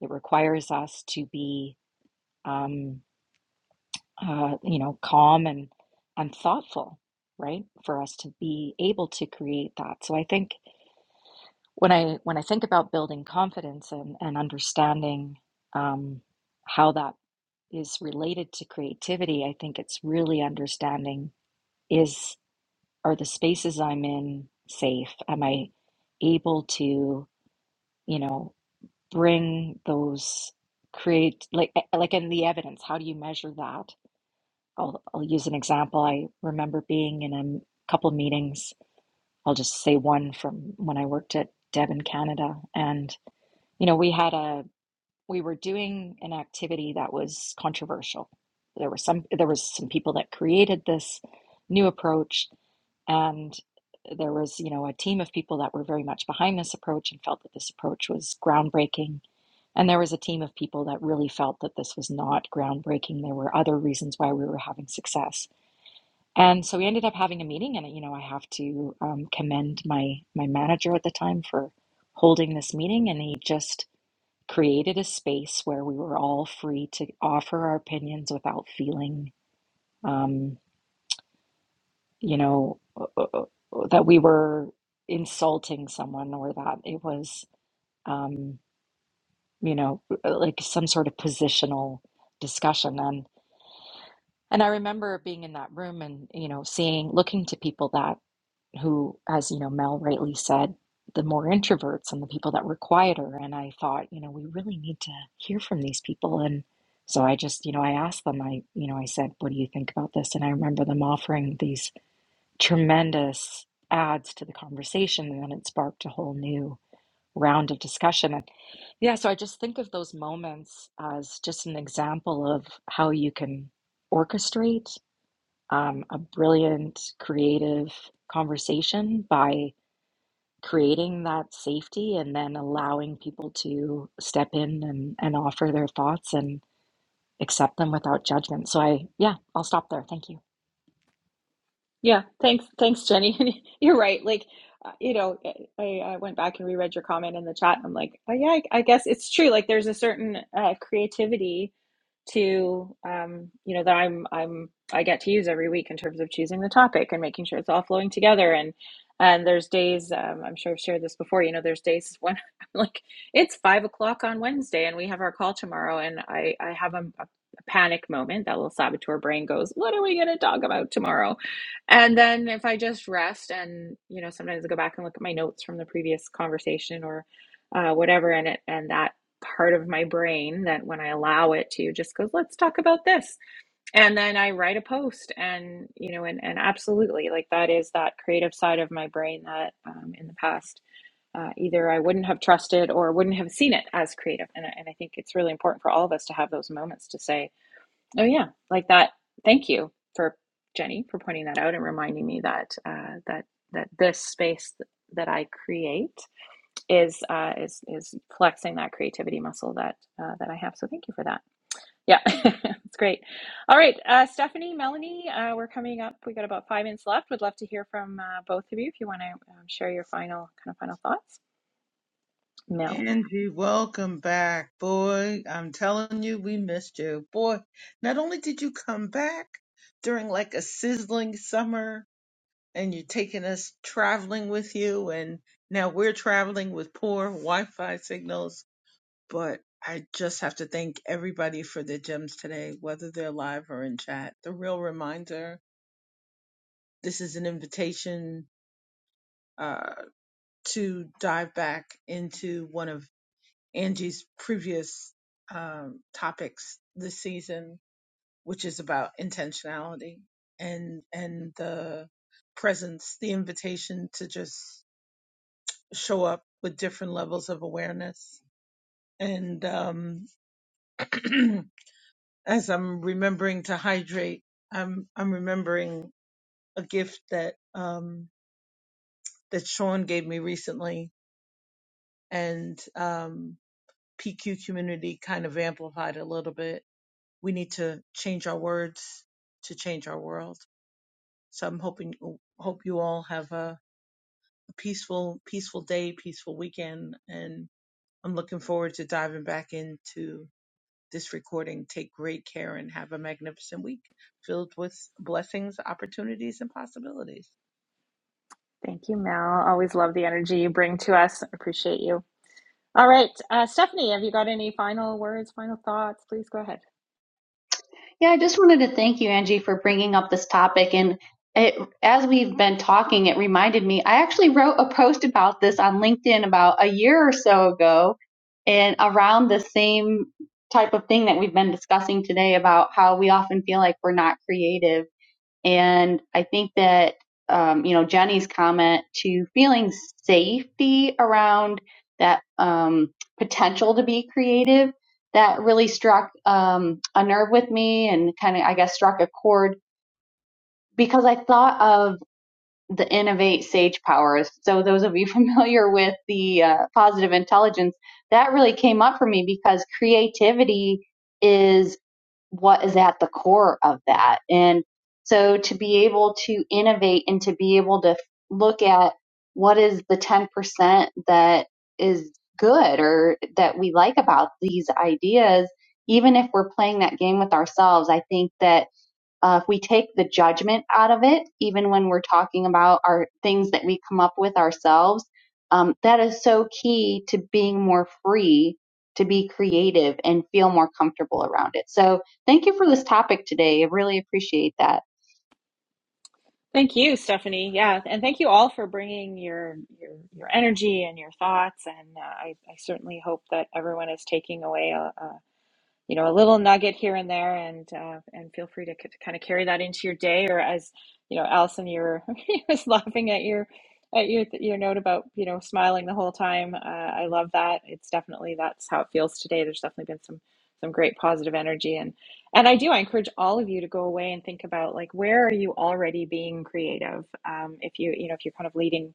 Speaker 4: It requires us to be, um, uh, you know, calm and and thoughtful, right? For us to be able to create that. So I think when I when I think about building confidence and and understanding um, how that is related to creativity, I think it's really understanding is are the spaces I'm in safe? Am I able to, you know, bring those create like eh, like in the evidence, how do you measure that? I'll I'll use an example. I remember being in a couple meetings. I'll just say one from when I worked at Devon Canada and you know, we had a we were doing an activity that was controversial. There were some there was some people that created this new approach and there was, you know, a team of people that were very much behind this approach and felt that this approach was groundbreaking. And there was a team of people that really felt that this was not groundbreaking. There were other reasons why we were having success. And so we ended up having a meeting and you know, I have to um, commend my my manager at the time for holding this meeting and he just created a space where we were all free to offer our opinions without feeling, um, you know, that we were insulting someone or that it was, um, you know, uh, like some sort of positional discussion. And and I remember being in that room and you know seeing, looking to people that who, as you know, Mel rightly said, the more introverts and the people that were quieter. And I thought, you know, we really need to hear from these people. And so I just, you know, I asked them, I, you know, I said, what do you think about this? And I remember them offering these tremendous adds to the conversation. And then it sparked a whole new round of discussion. And yeah, so I just think of those moments as just an example of how you can orchestrate um, a brilliant, creative conversation by creating that safety and then allowing people to step in and, and offer their thoughts and accept them without judgment. So I, yeah, I'll stop there. Thank you.
Speaker 1: Yeah, thanks, thanks, Jenny. You're right. Like, uh, you know, eh, I, I went back and reread your comment in the chat, and I'm like, oh yeah, I, I guess it's true. Like, there's a certain uh, creativity to um, you know that I'm I'm I get to use every week in terms of choosing the topic and making sure it's all flowing together and and there's days um, I'm sure I've shared this before you know there's days when I'm like it's five o'clock on Wednesday and we have our call tomorrow and I I have a, a panic moment that little saboteur brain goes what are we going to talk about tomorrow and then if I just rest and you know sometimes I go back and look at my notes from the previous conversation or uh, whatever and it and that part of my brain that when I allow it to just goes, let's talk about this. And then I write a post and, you know, and, and absolutely like that is that creative side of my brain that um, in the past, uh, either I wouldn't have trusted or wouldn't have seen it as creative. And, and I think it's really important for all of us to have those moments to say, oh yeah, like that. Thank you for Jenny for pointing that out and reminding me that, uh, that, that this space that I create is uh, is is flexing that creativity muscle that uh, that I have. So thank you for that. Yeah, it's great. All right, uh, Stephanie, Melanie, uh, we're coming up. We got about five minutes left. Would love to hear from uh, both of you if you want to um, share your final kind of final thoughts. Mel,
Speaker 2: Angie, welcome back. Boy, I'm telling you, we missed you. Boy, not only did you come back during like a sizzling summer and you're taking us traveling with you, and now we're traveling with poor Wi Fi signals, but I just have to thank everybody for their gems today, whether they're live or in chat. The real reminder this is an invitation Uh, to dive back into one of Angie's previous um, topics this season, which is about intentionality and and the presence, the invitation to just show up with different levels of awareness. And um, as I'm remembering to hydrate, I'm I'm remembering a gift that um, that Sean gave me recently, and um, PQ community kind of amplified a little bit. We need to change our words to change our world. So I'm hoping oh, hope you all have a peaceful peaceful day, peaceful weekend, and I'm looking forward to diving back into this recording. Take great care and have a magnificent week filled with blessings, opportunities, and possibilities.
Speaker 1: thank you, Mel. Always love the energy you bring to us. Appreciate you. All right, uh, Stephanie, have you got any final words, final thoughts? Please go ahead.
Speaker 3: Yeah, I just wanted to thank you, Angie, for bringing up this topic. And it, as we've been talking, it reminded me I actually wrote a post about this on LinkedIn about a year or so ago, and around the same type of thing that we've been discussing today about how we often feel like we're not creative And I think that, um, you know, Jenny's comment to feeling safety around that um, potential to be creative, that really struck um, a nerve with me and kind of, I guess, struck a chord because I thought of the Innovate Sage Powers. So, those of you familiar with the uh, positive intelligence, that really came up for me because creativity is what is at the core of that. And so to be able to innovate and to be able to look at what is the 10% that is good or that we like about these ideas, even if we're playing that game with ourselves, I think that uh, if we take the judgment out of it, even when we're talking about our things that we come up with ourselves, um, that is so key to being more free to be creative and feel more comfortable around it. So, thank you for this topic today. I really appreciate that.
Speaker 1: Thank you, Stephanie. Yeah, and thank you all for bringing your your, your energy and your thoughts. And uh, I, I certainly hope that everyone is taking away a, a you know a little nugget here and there and uh, and feel free to, c- to kind of carry that into your day or as you know Allison you were you was laughing at your at your your note about you know smiling the whole time uh, I love that it's definitely that's how it feels today there's definitely been some some great positive energy and and I do I encourage all of you to go away and think about like where are you already being creative um, if you you know if you're kind of leading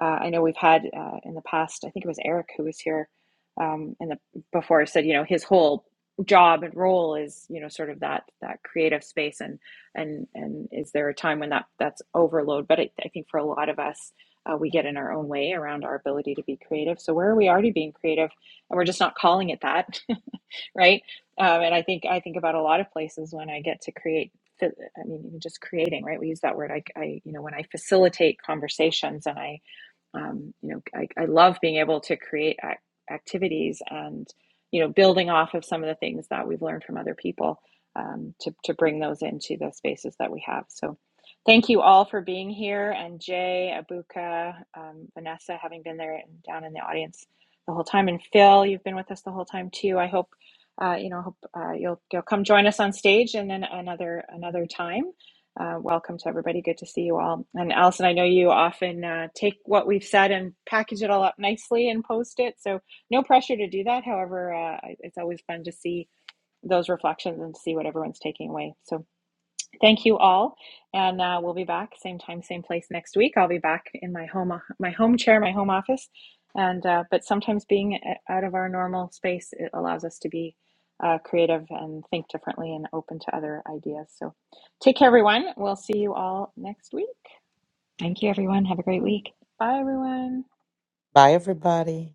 Speaker 1: uh, I know we've had uh, in the past I think it was Eric who was here um, in the before said you know his whole job and role is you know sort of that that creative space and and and is there a time when that that's overload but I I think for a lot of us uh, we get in our own way around our ability to be creative so where are we already being creative and we're just not calling it that right um, and i think i think about a lot of places when i get to create i mean even just creating right we use that word i, I you know when i facilitate conversations and I um, you know I, I love being able to create ac- activities and you know building off of some of the things that we've learned from other people um, to, to bring those into the spaces that we have so thank you all for being here and jay abuka um, vanessa having been there and down in the audience the whole time and phil you've been with us the whole time too i hope uh, you know hope uh, you'll, you'll come join us on stage and then another another time uh, welcome to everybody. Good to see you all. And Allison, I know you often uh, take what we've said and package it all up nicely and post it. So no pressure to do that. However, uh, it's always fun to see those reflections and see what everyone's taking away. So Thank you all, and uh, we'll be back same time, same place next week. I'll be back in my home, my home chair, my home office, and uh, but sometimes being uh, out of our normal space it allows us to be uh, creative and think differently and open to other ideas. So, take care, everyone. We'll see you all next week.
Speaker 4: Thank you, everyone. Have a great
Speaker 1: Okay,
Speaker 4: week.
Speaker 1: bye, everyone.
Speaker 5: Bye, everybody.